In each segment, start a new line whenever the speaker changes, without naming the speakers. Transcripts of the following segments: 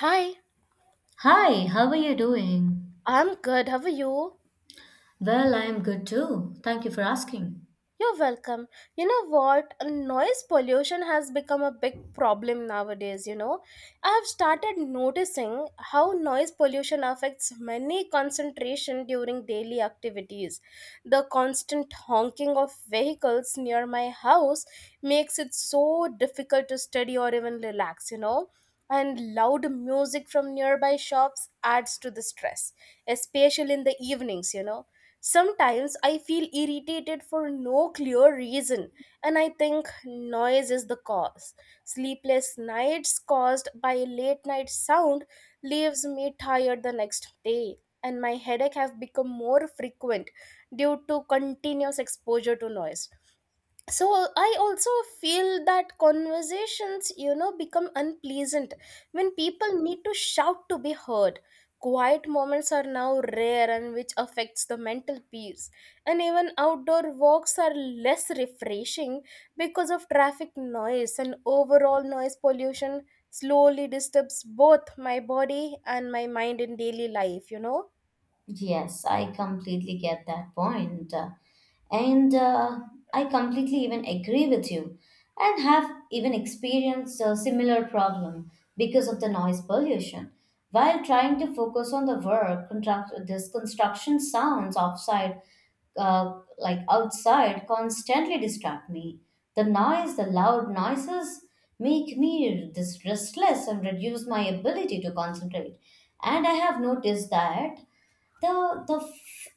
Hi,
Hi, how are you doing?
I'm good. How are you?
Well, I am good too. Thank you for asking.
You're welcome. You know what? Noise pollution has become a big problem nowadays. I have started noticing how noise pollution affects many concentration during daily activities. The constant honking of vehicles near my house makes it so difficult to study or even relax. And loud music from nearby shops adds to the stress, especially in the evenings. Sometimes I feel irritated for no clear reason, and I think noise is the cause. Sleepless nights caused by late night sound leaves me tired the next day, and my headache have become more frequent due to continuous exposure to noise. So I also feel that conversations become unpleasant when people need to shout to be heard. Quiet moments are now rare and which affects the mental peace, and even outdoor walks are less refreshing because of traffic noise, and overall noise pollution slowly disturbs both my body and my mind in daily life.
Yes, I completely get that point. And I completely even agree with you and have even experienced a similar problem because of the noise pollution. While trying to focus on the work, contract this construction sounds outside, like outside, constantly distract me. The noise, the loud noises make me this restless and reduce my ability to concentrate. And I have noticed that the the f-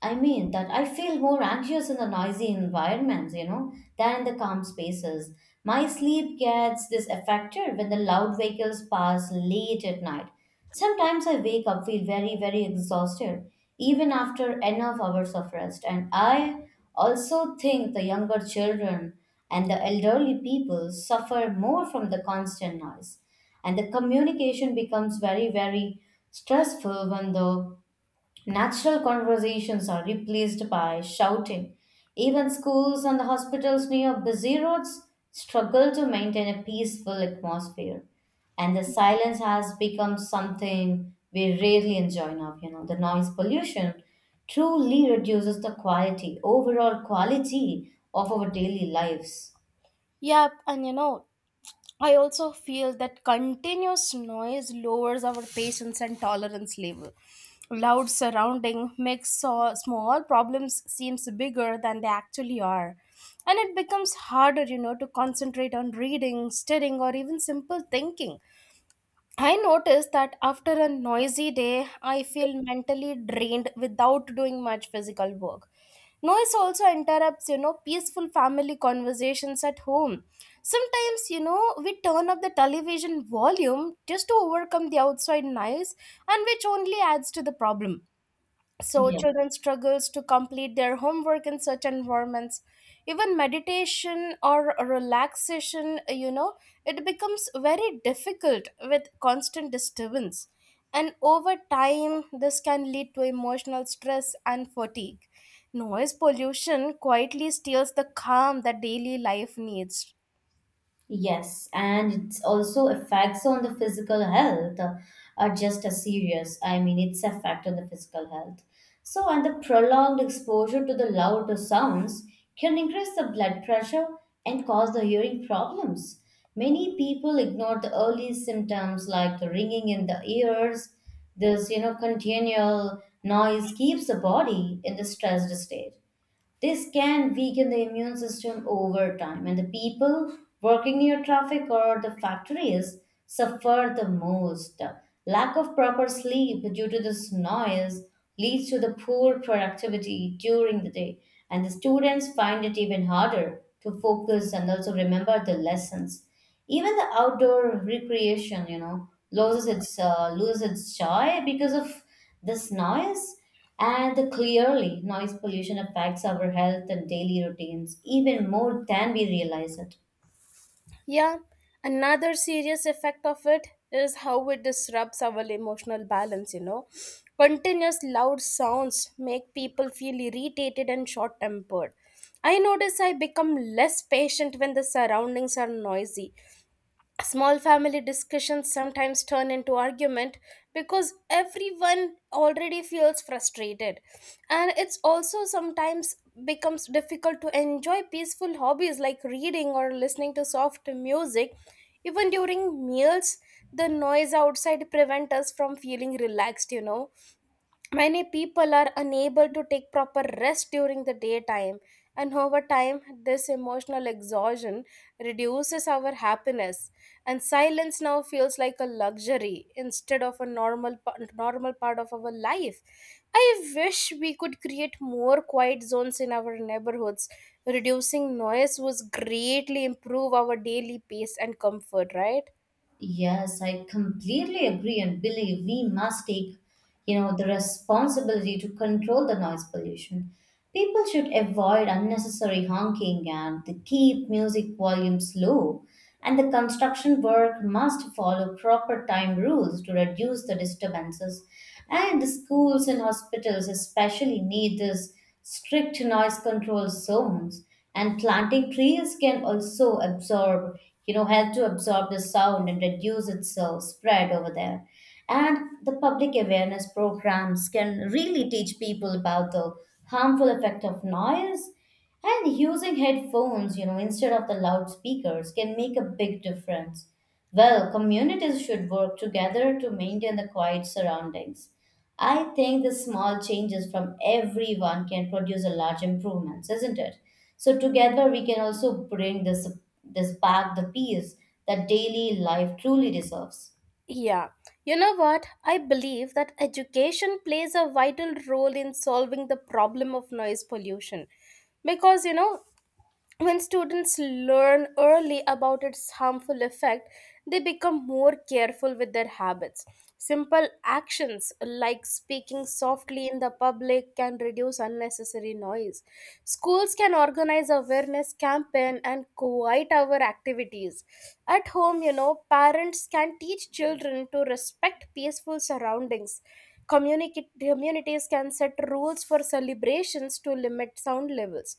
I mean that I feel more anxious in the noisy environments, you know, than in the calm spaces. My sleep gets this affected when the loud vehicles pass late at night. Sometimes I wake up feel very very exhausted even after enough hours of rest, and I also think the younger children and the elderly people suffer more from the constant noise, and the communication becomes very very stressful when the natural conversations are replaced by shouting. Even schools and hospitals near busy roads struggle to maintain a peaceful atmosphere. And the silence has become something we rarely enjoy now. You know, the noise pollution truly reduces the quality, overall quality of our daily lives.
Yep, and I also feel that continuous noise lowers our patience and tolerance level. Loud surrounding makes small problems seems bigger than they actually are. And it becomes harder to concentrate on reading, studying, or even simple thinking. I notice that after a noisy day, I feel mentally drained without doing much physical work. Noise also interrupts peaceful family conversations at home. Sometimes we turn up the television volume just to overcome the outside noise, and which only adds to the problem. So
Yeah.
children struggles to complete their homework in such environments. Even meditation or relaxation, it becomes very difficult with constant disturbance. And over time this can lead to emotional stress and fatigue. Noise pollution quietly steals the calm that daily life needs.
Yes, and it's also effects on the physical health, are just as serious. I mean, it's effect on the physical health. So, and the prolonged exposure to the louder sounds can increase the blood pressure and cause the hearing problems. Many people ignore the early symptoms like the ringing in the ears. This, you know, continual noise keeps the body in the stressed state. This can weaken the immune system over time, and the people working near traffic or the factories suffer the most. Lack of proper sleep due to this noise leads to the poor productivity during the day, and the students find it even harder to focus and also remember the lessons. Even the outdoor recreation, you know, loses its joy because of this noise, and clearly noise pollution affects our health and daily routines even more than we realize it.
Yeah, another serious effect of it is how it disrupts our emotional balance. Continuous loud sounds make people feel irritated and short tempered. I notice I become less patient when the surroundings are noisy. Small family discussions sometimes turn into argument because everyone already feels frustrated. And it's also sometimes becomes difficult to enjoy peaceful hobbies like reading or listening to soft music, even during meals. The noise outside prevent us from feeling relaxed. Many people are unable to take proper rest during the daytime. And over time this emotional exhaustion reduces our happiness. And silence now feels like a luxury instead of a normal part of our life. I wish we could create more quiet zones in our neighborhoods. Reducing noise would greatly improve our daily pace and comfort, right?
Yes, I completely agree and believe we must take, you know, the responsibility to control the noise pollution. People should avoid unnecessary honking and to keep music volumes low. And the construction work must follow proper time rules to reduce the disturbances. And the schools and hospitals especially need this strict noise control zones, and planting trees can also absorb, you know, help to absorb the sound and reduce its spread over there, and the public awareness programs can really teach people about the harmful effect of noise, and using headphones, you know, instead of the loudspeakers can make a big difference. Well, communities should work together to maintain the quiet surroundings. I think the small changes from everyone can produce a large improvements, isn't it? So together we can also bring this back the peace that daily life truly deserves.
Yeah, you know what? I believe that education plays a vital role in solving the problem of noise pollution, because when students learn early about its harmful effect, they become more careful with their habits. Simple actions like speaking softly in the public can reduce unnecessary noise. Schools can organize awareness campaign and quiet hour activities. At home, parents can teach children to respect peaceful surroundings. Communities can set rules for celebrations to limit sound levels,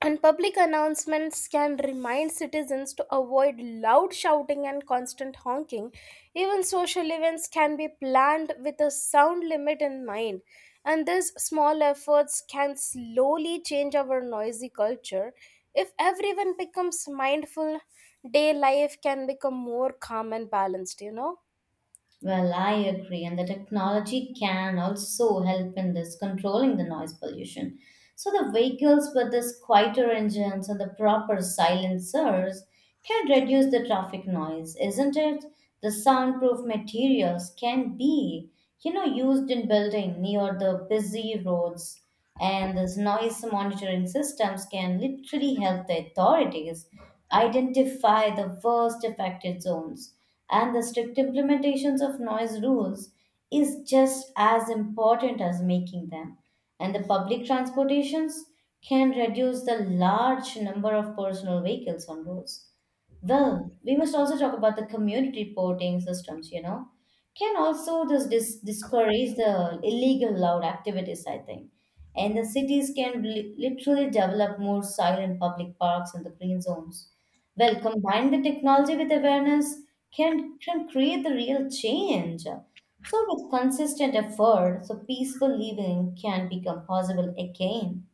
and public announcements can remind citizens to avoid loud shouting and constant honking. Even social events can be planned with a sound limit in mind, and these small efforts can slowly change our noisy culture. If everyone becomes mindful, day life can become more calm and balanced?
Well, I agree, and the technology can also help in this controlling the noise pollution. So the vehicles with this quieter engines and the proper silencers can reduce the traffic noise, isn't it? The soundproof materials can be, you know, used in building near the busy roads, and this noise monitoring systems can literally help the authorities identify the worst affected zones, and the strict implementations of noise rules is just as important as making them. And the public transportations can reduce the large number of personal vehicles on roads. Well, we must also talk about the community reporting systems, you know. Can also this discourage the illegal loud activities, I think. And the cities can literally develop more silent public parks and the green zones. Well, combine the technology with awareness can create the real change. So with consistent effort, so peaceful living can become possible again.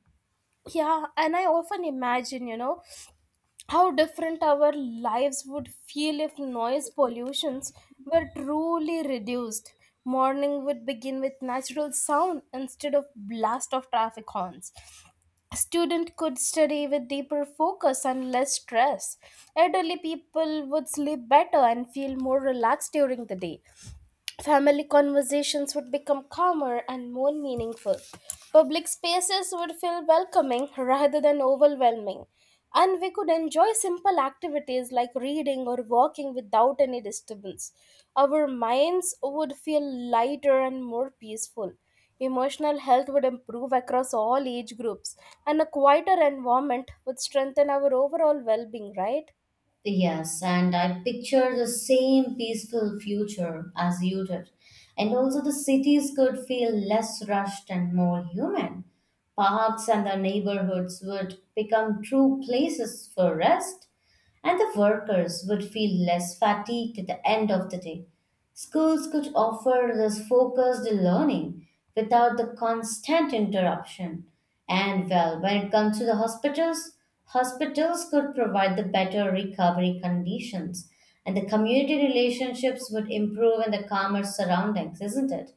Yeah, and I often imagine how different our lives would feel if noise pollutions were truly reduced. Morning would begin with natural sound instead of blast of traffic horns. Student could study with deeper focus and less stress. Elderly people would sleep better and feel more relaxed during the day. Family conversations would become calmer and more meaningful. Public spaces would feel welcoming rather than overwhelming. And we could enjoy simple activities like reading or walking without any disturbance. Our minds would feel lighter and more peaceful. Emotional health would improve across all age groups, and a quieter environment would strengthen our overall well being, right?
Yes, and I picture the same peaceful future as you did. And also, the cities could feel less rushed and more human. Parks and the neighborhoods would become true places for rest, and the workers would feel less fatigued at the end of the day. Schools could offer this focused learning without the constant interruption. And well, when it comes to the hospitals could provide the better recovery conditions, and the community relationships would improve in the calmer surroundings, isn't it?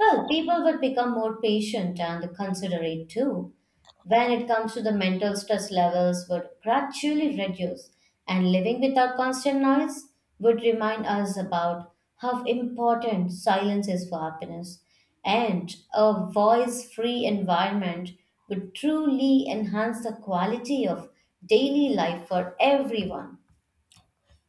Well, people would become more patient and considerate too when it comes to the mental stress levels would gradually reduce, and living without constant noise would remind us about how important silence is for happiness, and a voice free environment would truly enhance the quality of daily life for everyone.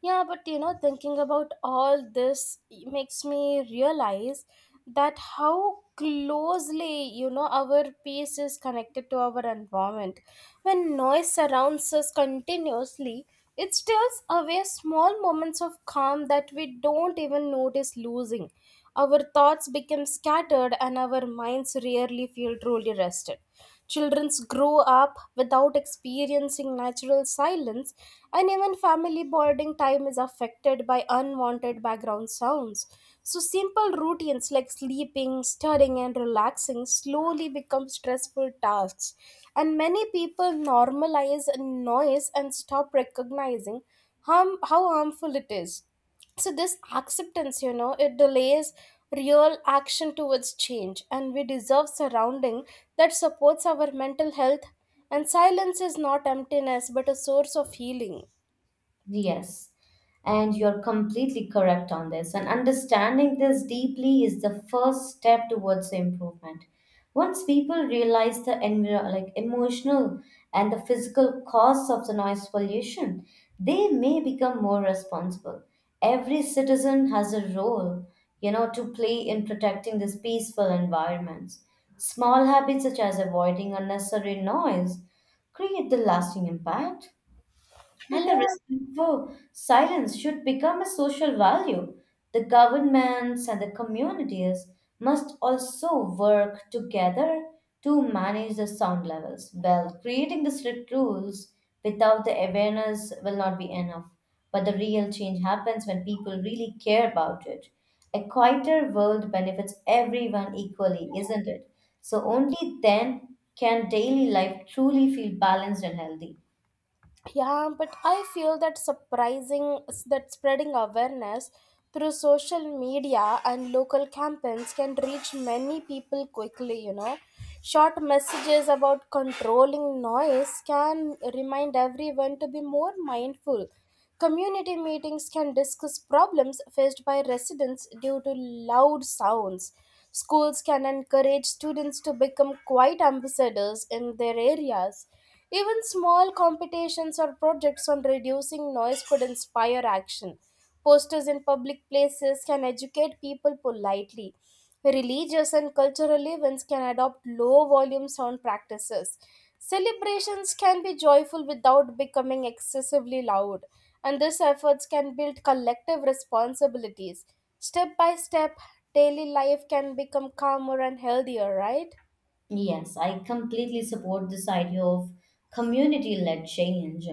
Yeah, but thinking about all this makes me realize that how closely our peace is connected to our environment. When noise surrounds us continuously, it steals away small moments of calm that we don't even notice losing. Our thoughts become scattered and our minds rarely feel truly rested. Children grow up without experiencing natural silence, and even family bonding time is affected by unwanted background sounds. So, simple routines like sleeping, stirring, and relaxing slowly become stressful tasks. And many people normalize noise and stop recognizing harm, how harmful it is. So this acceptance, it delays real action towards change. And we deserve surrounding that supports our mental health. And silence is not emptiness but a source of healing.
Yes, and you're completely correct on this. And understanding this deeply is the first step towards the improvement. Once people realize the like emotional and the physical costs of the noise pollution, they may become more responsible. Every citizen has a role, you know, to play in protecting these peaceful environments. Small habits such as avoiding unnecessary noise create the lasting impact. And the
Yeah.
respect for silence should become a social value. The governments and the communities must also work together to manage the sound levels. Well, creating the strict rules without the awareness will not be enough. But the real change happens when people really care about it. A quieter world benefits everyone equally, isn't it? So only then can daily life truly feel balanced and healthy.
Yeah, but I feel that surprising that spreading awareness through social media and local campaigns can reach many people quickly. Short messages about controlling noise can remind everyone to be more mindful. Community meetings can discuss problems faced by residents due to loud sounds. Schools can encourage students to become quiet ambassadors in their areas. Even small competitions or projects on reducing noise could inspire action. Posters in public places can educate people politely. Religious and cultural events can adopt low volume sound practices. Celebrations can be joyful without becoming excessively loud, and these efforts can build collective responsibilities. Step by step, daily life can become calmer and healthier, right?
Yes, I completely support this idea of community led change.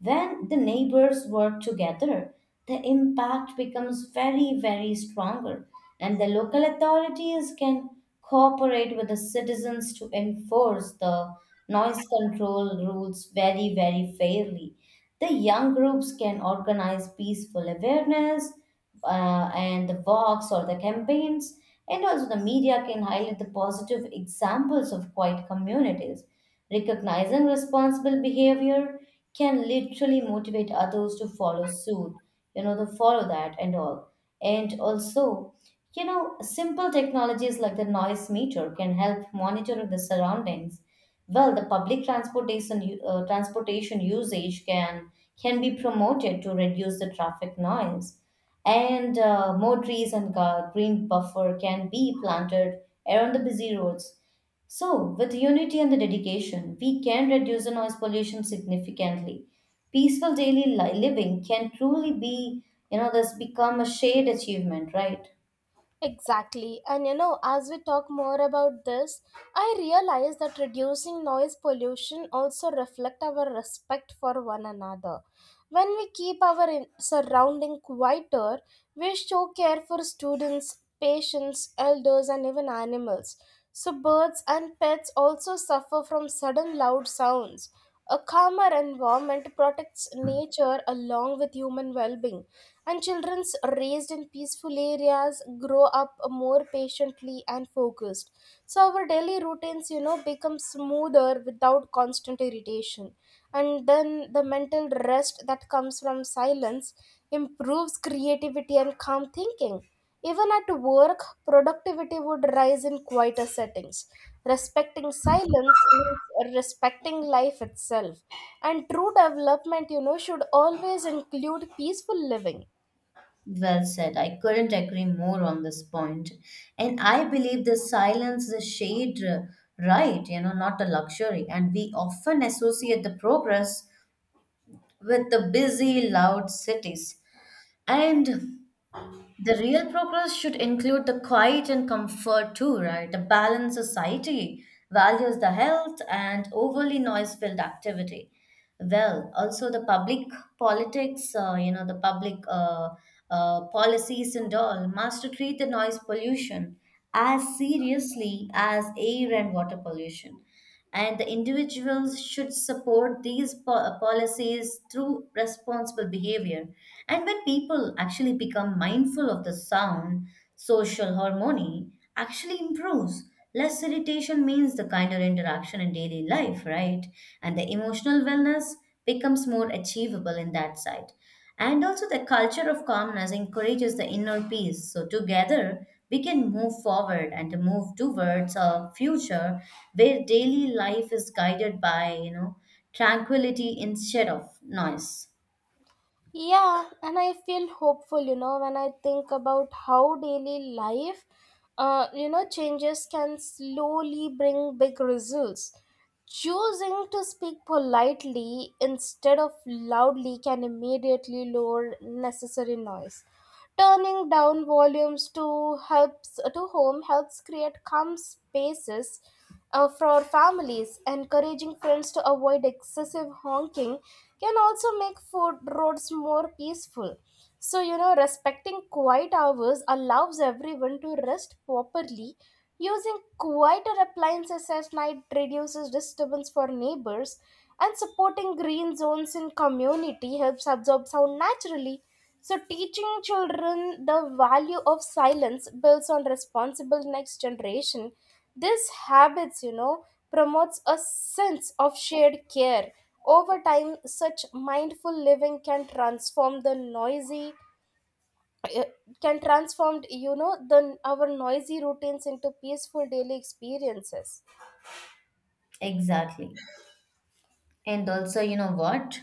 When the neighbors work together, the impact becomes very, very stronger, and the local authorities can cooperate with the citizens to enforce the noise control rules very, very fairly. The young groups can organize peaceful awareness and the walks or the campaigns, and also the media can highlight the positive examples of quiet communities. Recognizing responsible behavior can literally motivate others to follow suit, you know, to follow that and all. And also, you know, simple technologies like the noise meter can help monitor the surroundings. Well, the public transportation transportation usage can be promoted to reduce the traffic noise, and more trees and green buffer can be planted around the busy roads. So, with unity and the dedication, we can reduce the noise pollution significantly. Peaceful daily living can truly be, you know, this become a shared achievement, right?
Exactly. And as we talk more about this, I realize that reducing noise pollution also reflect our respect for one another. When we keep our surrounding quieter, we show care for students, patients, elders and even animals. So birds and pets also suffer from sudden loud sounds. A calmer environment protects nature along with human well-being. And children's raised in peaceful areas grow up more patiently and focused. So our daily routines become smoother without constant irritation. And then the mental rest that comes from silence improves creativity and calm thinking. Even at work, productivity would rise in quieter settings. Respecting silence means respecting life itself. And true development should always include peaceful living.
Well said. I couldn't agree more on this point. And I believe the silence is a shade, right, you know, not a luxury. And we often associate the progress with the busy, loud cities. And the real progress should include the quiet and comfort too, right? A balanced society values the health and overly noise-filled activity. Well, also the public politics, you know, the public policies and all must treat the noise pollution as seriously as air and water pollution, and the individuals should support these policies through responsible behavior, and when people actually become mindful of the sound, social harmony actually improves. Less irritation means the kinder interaction in daily life, right? And the emotional wellness becomes more achievable in that side. And also, the culture of calmness encourages the inner peace. So, together, we can move forward and move towards a future where daily life is guided by, you know, tranquility instead of noise.
Yeah, and I feel hopeful when I think about how daily life changes can slowly bring big results. Choosing to speak politely instead of loudly can immediately lower necessary noise. Turning down volumes to helps to home helps create calm spaces for families. Encouraging friends to avoid excessive honking can also make food roads more peaceful. So respecting quiet hours allows everyone to rest properly. Using quieter appliances at night reduces disturbance for neighbors, and supporting green zones in community helps absorb sound naturally. So, teaching children the value of silence builds on responsible next generation. These habits promotes a sense of shared care. Over time, such mindful living can transform the noisy uh, can transform you know the our noisy routines into peaceful daily experiences.
Exactly. And also, you know what?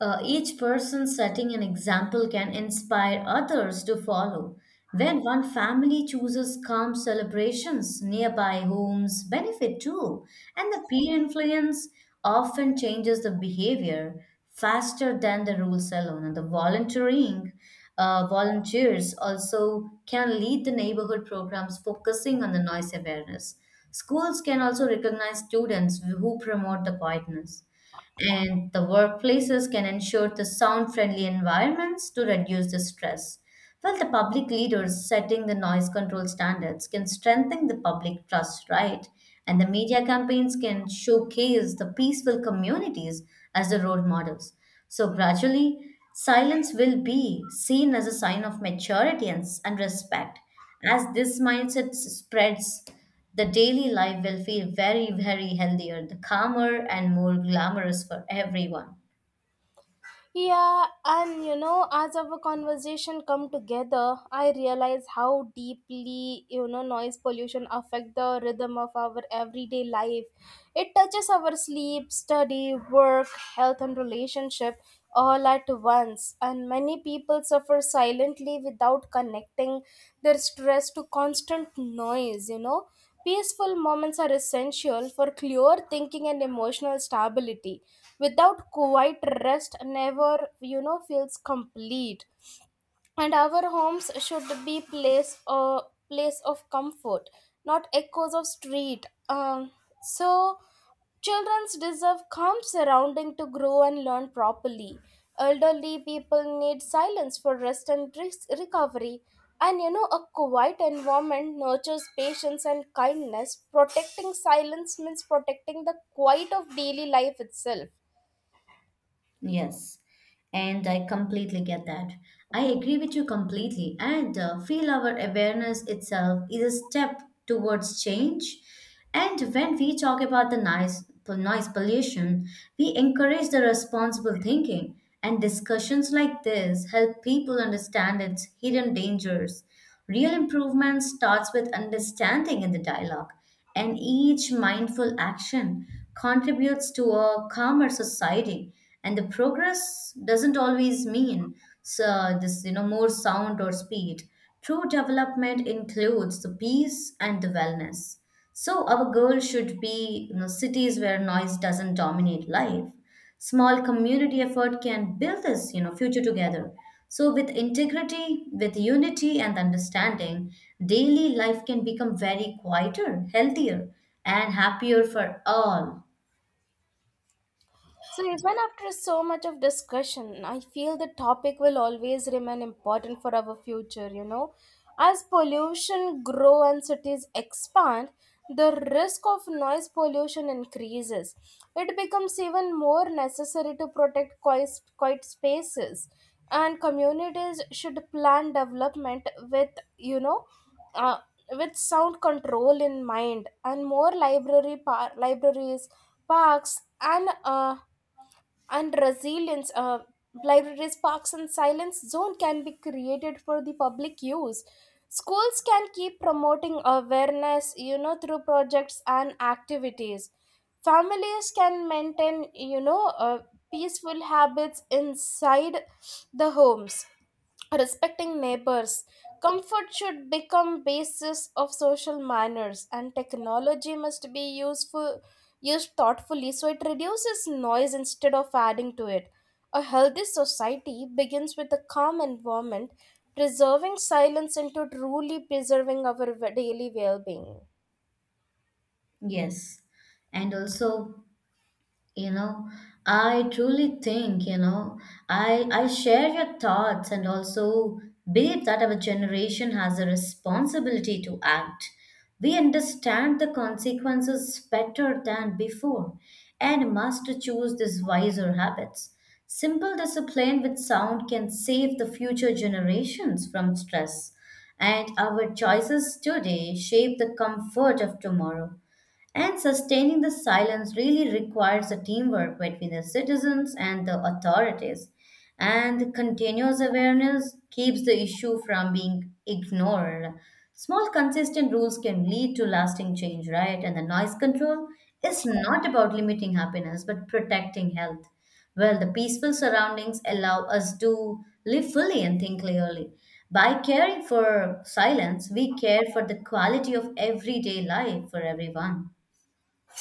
Each person setting an example can inspire others to follow. When one family chooses calm celebrations, nearby homes benefit too, and the peer influence often changes the behavior faster than the rules alone. And the volunteering volunteers also can lead the neighborhood programs focusing on the noise awareness. Schools can also recognize students who promote the quietness, and the workplaces can ensure the sound friendly environments to reduce the stress. Well, the public leaders setting the noise control standards can strengthen the public trust, right? And the media campaigns can showcase the peaceful communities as the role models. So, gradually, silence will be seen as a sign of maturity and respect. As this mindset spreads, the daily life will feel very, very healthier, the calmer and more glamorous for everyone.
Yeah, and as our conversation come together, I realize how deeply noise pollution affect the rhythm of our everyday life. It touches our sleep, study, work, health, and relationship all at once. And many people suffer silently without connecting their stress to constant noise. Peaceful moments are essential for clear thinking and emotional stability. Without quiet rest never feels complete, and our homes should be place of comfort, not echoes of street. So children deserve calm surrounding to grow and learn properly. Elderly people need silence for rest and recovery. And a quiet environment nurtures patience and kindness. Protecting silence means protecting the quiet of daily life itself.
Yes, and I completely get that. I agree with you completely, and feel our awareness itself is a step towards change. And when we talk about the noise pollution, we encourage the responsible thinking, and discussions like this help people understand its hidden dangers. Real improvement starts with understanding in the dialogue, and each mindful action contributes to a calmer society. And the progress doesn't always mean so this you know more sound or speed. True development includes the peace and the wellness, so our goal should be cities where noise doesn't dominate life. Small community effort can build this, future together. So with integrity, with unity and understanding, daily life can become very quieter, healthier, and happier for all.
So even after so much of discussion, I feel the topic will always remain important for our future. As pollution grow and cities expand, the risk of noise pollution increases. It becomes even more necessary to protect quiet spaces, and communities should plan development you know, uh, with sound control in mind. And more libraries, parks and resilience uh, and silence zone can be created for the public use. Schools can keep promoting awareness through projects and activities. Families can maintain peaceful habits inside the homes. Respecting neighbors comfort should become basis of social manners, and technology must be useful used thoughtfully so it reduces noise instead of adding to it. A healthy society begins with a calm environment. Preserving silence into truly preserving our daily well-being.
Yes, and also. You know, I truly think, I share your thoughts and also believe that our generation has a responsibility to act. We understand the consequences better than before and must choose these wiser habits. Simple discipline with sound can save the future generations from stress, and our choices today shape the comfort of tomorrow. And sustaining the silence really requires a teamwork between the citizens and the authorities. And continuous awareness keeps the issue from being ignored. Small, consistent rules can lead to lasting change, right? And the noise control is not about limiting happiness but protecting health. Well, the peaceful surroundings allow us to live fully and think clearly. By caring for silence, we care for the quality of everyday life for everyone.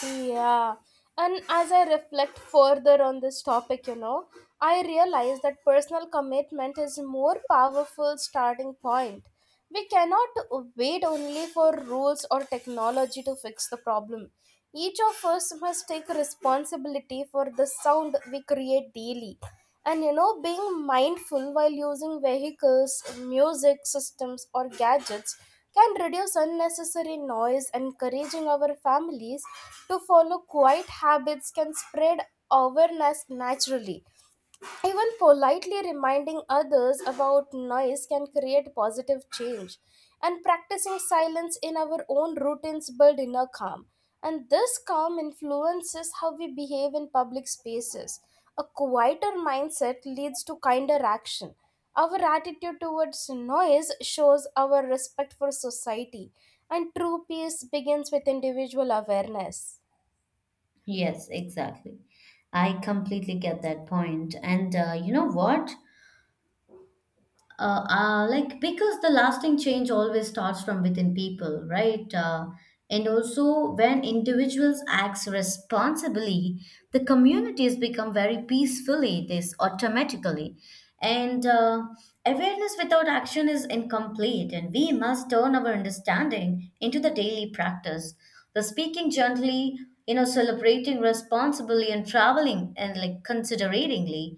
Yeah. And as I reflect further on this topic, I realize that personal commitment is a more powerful starting point. We cannot wait only for rules or technology to fix the problem. Each of us must take responsibility for the sound we create daily. And being mindful while using vehicles, music systems, or gadgets can reduce unnecessary noise. Encouraging our families to follow quiet habits can spread awareness naturally. Even politely reminding others about noise can create positive change, and practicing silence in our own routines build inner calm. And this calm influences how we behave in public spaces. A quieter mindset leads to kinder action. Our attitude towards noise shows our respect for society, and true peace begins with individual awareness.
Yes, exactly. I completely get that point. And you know what? Like because the lasting change always starts from within people, right? And also, when individuals acts responsibly, the communities become very peacefully. This automatically, and awareness without action is incomplete. And we must turn our understanding into the daily practice. The speaking gently, celebrating responsibly and traveling and like consideratingly,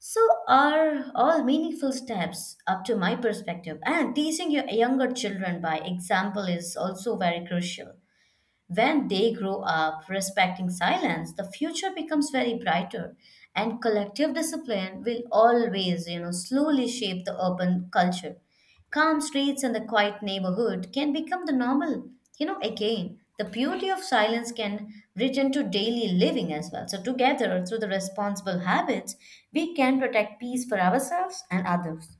so are all meaningful steps up to my perspective. And teaching your younger children by example is also very crucial. When they grow up respecting silence, the future becomes very brighter, and collective discipline will always, slowly shape the urban culture. Calm streets and the quiet neighborhood can become the normal. You know, again, the beauty of silence can return to daily living as well. So, together, through the responsible habits, we can protect peace for ourselves and others.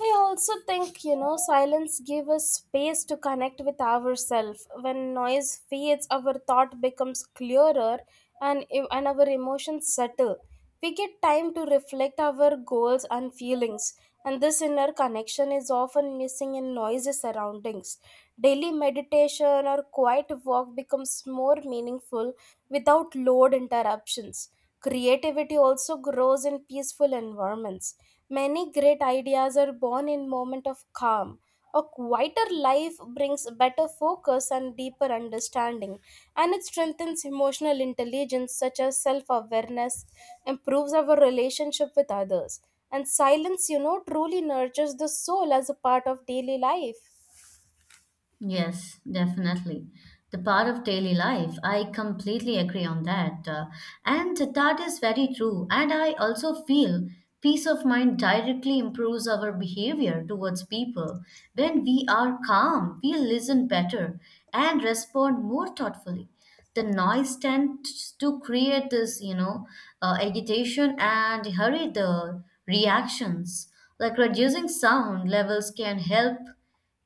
I also think, you know, silence gives us space to connect with ourselves. When noise fades, our thought becomes clearer and our emotions settle. We get time to reflect our goals and feelings, and this inner connection is often missing in noisy surroundings. Daily meditation or quiet walk becomes more meaningful without loud interruptions. Creativity also grows in peaceful environments. Many great ideas are born in moment of calm. A quieter life brings better focus and deeper understanding, and it strengthens emotional intelligence such as self awareness, improves our relationship with others, and silence, you know, truly nurtures the soul as a part of daily life.
Yes, definitely. The part of daily life, I completely agree on that. And that is very true. And I also feel peace of mind directly improves our behavior towards people. When we are calm, we listen better and respond more thoughtfully. The noise tends to create this, agitation and hurry the reactions. Like reducing sound levels can help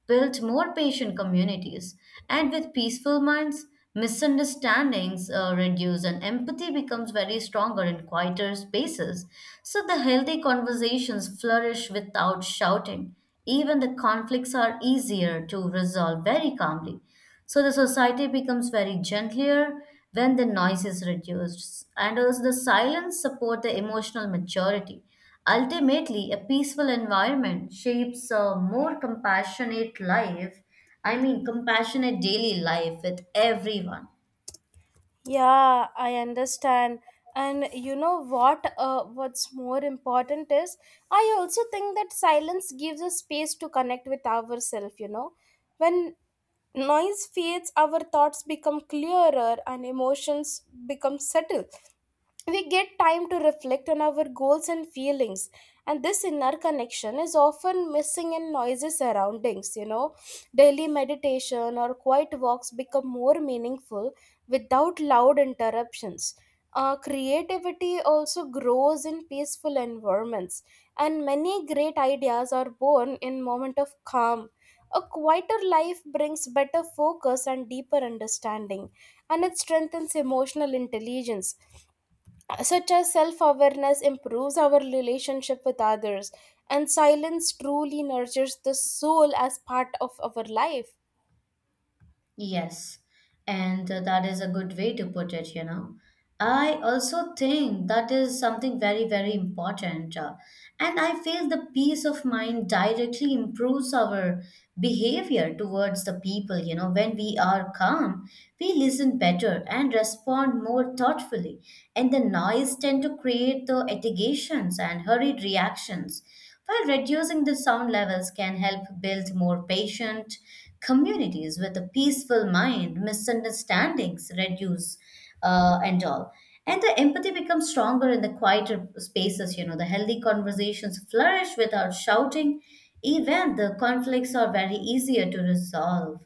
built more patient communities, and with peaceful minds, misunderstandings reduce, and empathy becomes very stronger in quieter spaces. So the healthy conversations flourish without shouting. Even the conflicts are easier to resolve very calmly. So the society becomes very gentler when the noise is reduced, and also the silence support the emotional maturity. Ultimately, a peaceful environment shapes a more compassionate life. I mean, compassionate daily life with everyone.
Yeah, I understand. And you know what? What's more important is I also think that silence gives us space to connect with ourselves, you know. When noise fades, our thoughts become clearer and emotions become settled. We get time to reflect on our goals and feelings. And this inner connection is often missing in noisy surroundings, you know. Daily meditation or quiet walks become more meaningful without loud interruptions. Creativity also grows in peaceful environments, and many great ideas are born in moment of calm. A quieter life brings better focus and deeper understanding, and it strengthens emotional intelligence. Such as self awareness improves our relationship with others, and silence truly nurtures the soul as part of our life.
Yes, and that is a good way to put it, you know. I also think that is something very, very important. And I feel the peace of mind directly improves our behavior towards the people, you know. When we are calm, we listen better and respond more thoughtfully. And the noise tend to create the agitations and hurried reactions. While reducing the sound levels can help build more patient, communities with a peaceful mind, misunderstandings reduce, and all. And the empathy becomes stronger in the quieter spaces, you know, the healthy conversations flourish without shouting. Even the conflicts are very easier to resolve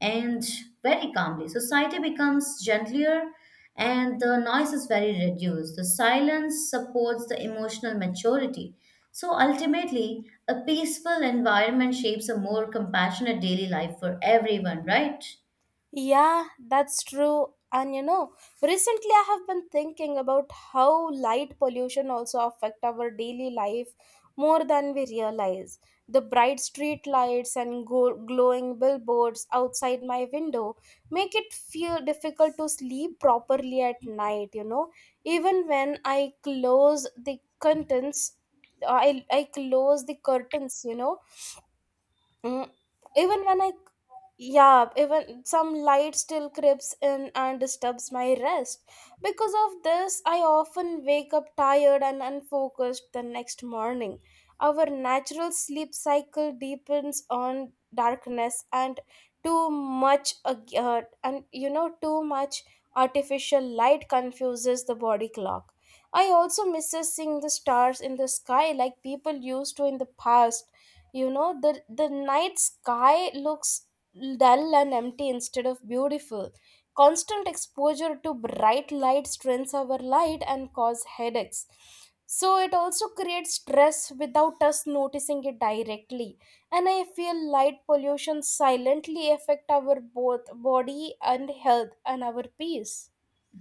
and very calmly. Society becomes gentler and the noise is very reduced. The silence supports the emotional maturity. So ultimately, a peaceful environment shapes a more compassionate daily life for everyone, right?
Yeah, that's true. And you know, recently I have been thinking about how light pollution also affect our daily life more than we realize. The bright street lights and glowing billboards outside my window make it feel difficult to sleep properly at night, you know. Even when I close the curtains, I close the curtains, you know. Mm, even when I yeah, even some light still creeps in and disturbs my rest. Because of this, I often wake up tired and unfocused the next morning. Our natural sleep cycle depends on darkness and too much ag- and you know too much artificial light confuses the body clock. I also misses seeing the stars in the sky like people used to in the past. You know, the night sky looks dull and empty instead of beautiful. Constant exposure to bright light strains our light and cause headaches. So it also creates stress without us noticing it directly. And I feel light pollution silently affect our both body and health and our peace.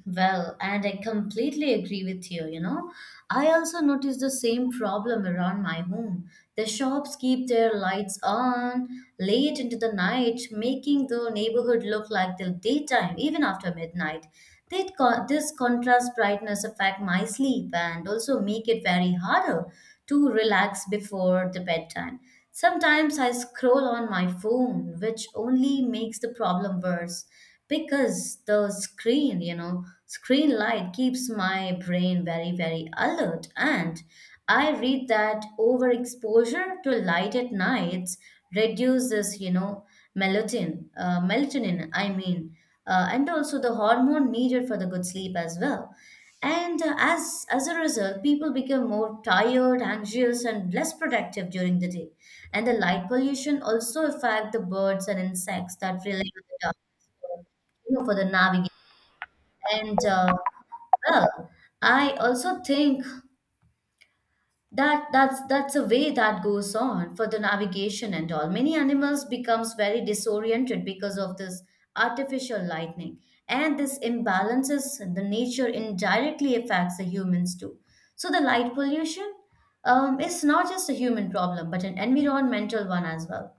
Well, and I completely agree with you, you know. I also notice the same problem around my home. The shops keep their lights on late into the night, making the neighborhood look like the daytime even after midnight. This contrast brightness affect my sleep and also make it very harder to relax before the bedtime. Sometimes I scroll on my phone, which only makes the problem worse because the screen light keeps my brain very, very alert. And I read that overexposure to light at nights reduces, melatonin, melatonin, I mean, and also the hormone needed for the good sleep as well, and as a result, people become more tired, anxious, and less productive during the day. And the light pollution also affect the birds and insects that rely on the darkness for, you know, for the navigation. And well I also think that that's That's a way that goes on for the navigation and all. Many animals becomes very disoriented because of this artificial lightning, and this imbalances in the nature indirectly affects the humans too. So the light pollution is not just a human problem but an environmental one as well.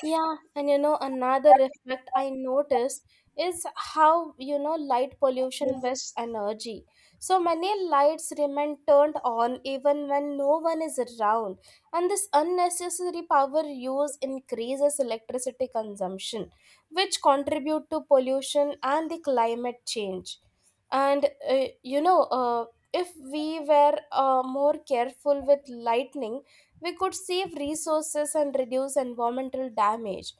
Yeah, and you know, another effect I notice is how, you know, light pollution wastes energy. So many lights remain turned on even when no one is around, and this unnecessary power use increases electricity consumption, which contribute to pollution and the climate change. And uh, you know, uh, if we were more careful with lightning we could save resources and reduce environmental damage.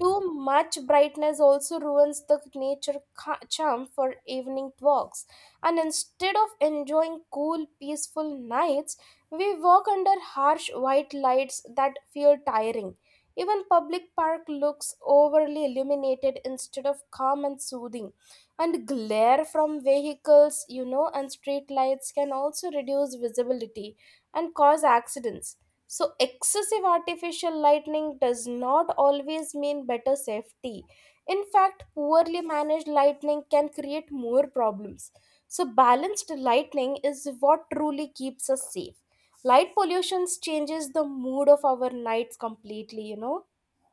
Too much brightness also ruins the nature charm for evening walks. And instead of enjoying cool, peaceful nights, we walk under harsh white lights that feel tiring. Even public park looks overly illuminated instead of calm and soothing. And glare from vehicles, you know, and street lights can also reduce visibility and cause accidents. So, excessive artificial lighting does not always mean better safety. In fact, poorly managed lighting can create more problems. So, balanced lighting is what truly keeps us safe. Light pollution changes the mood of our nights completely, you know?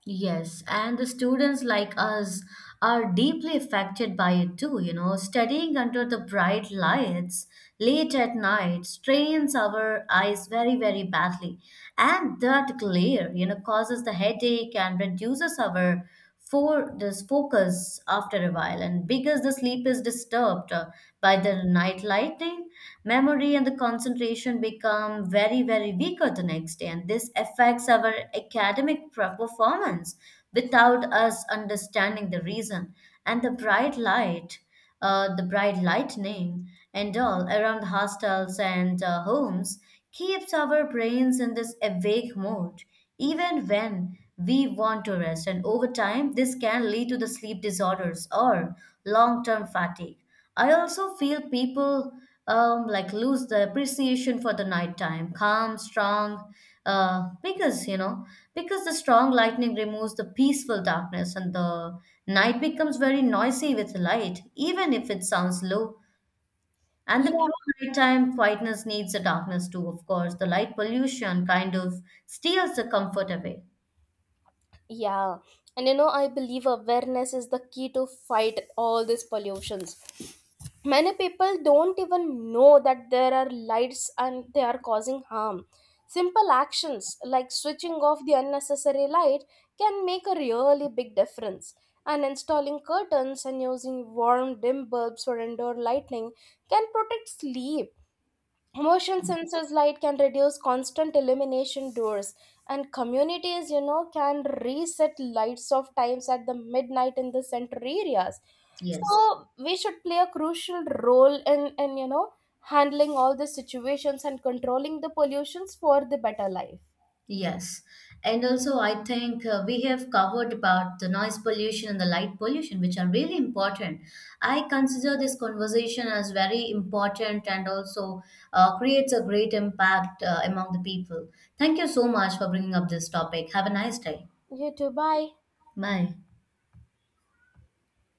Yes, and the students like us are deeply affected by it too, you know. Studying under the bright lights late at night strains our eyes very, very badly. And that glare, you know, causes the headache and reduces our for this focus after a while. And because the sleep is disturbed by the night lighting, memory and the concentration become very, very weaker the next day, and this affects our performance without us understanding the reason. And the bright light, the bright lightning, and all around hostels and homes keeps our brains in this awake mode, even when we want to rest. And over time, this can lead to the sleep disorders or long term fatigue. I also feel people like lose the appreciation for the nighttime, calm, strong, uh, because you know, because the strong lightning removes the peaceful darkness, and the night becomes very noisy with light, even if it sounds low. And the
Yeah.
true nighttime quietness needs the darkness too, of course. The light pollution kind of steals the comfort away.
Yeah. And you know, I believe awareness is the key to fight all these pollutions. Many people don't even know that there are lights and they are causing harm. Simple actions like switching off the unnecessary light can make a really big difference. And installing curtains and using warm dim bulbs for indoor lighting can protect sleep, motion sensors light can reduce constant illumination doors, and communities, you know, can reset lights of times at the midnight in the center areas, so
Yes.
we should play a crucial role in, you know, handling all the situations and controlling the pollutions for the better life.
Yes. And also, I think we have covered about the noise pollution and the light pollution, which are really important. I consider this conversation as very important and also creates a great impact among the people. Thank you so much for bringing up this topic. Have a nice day.
You too, bye.
Bye.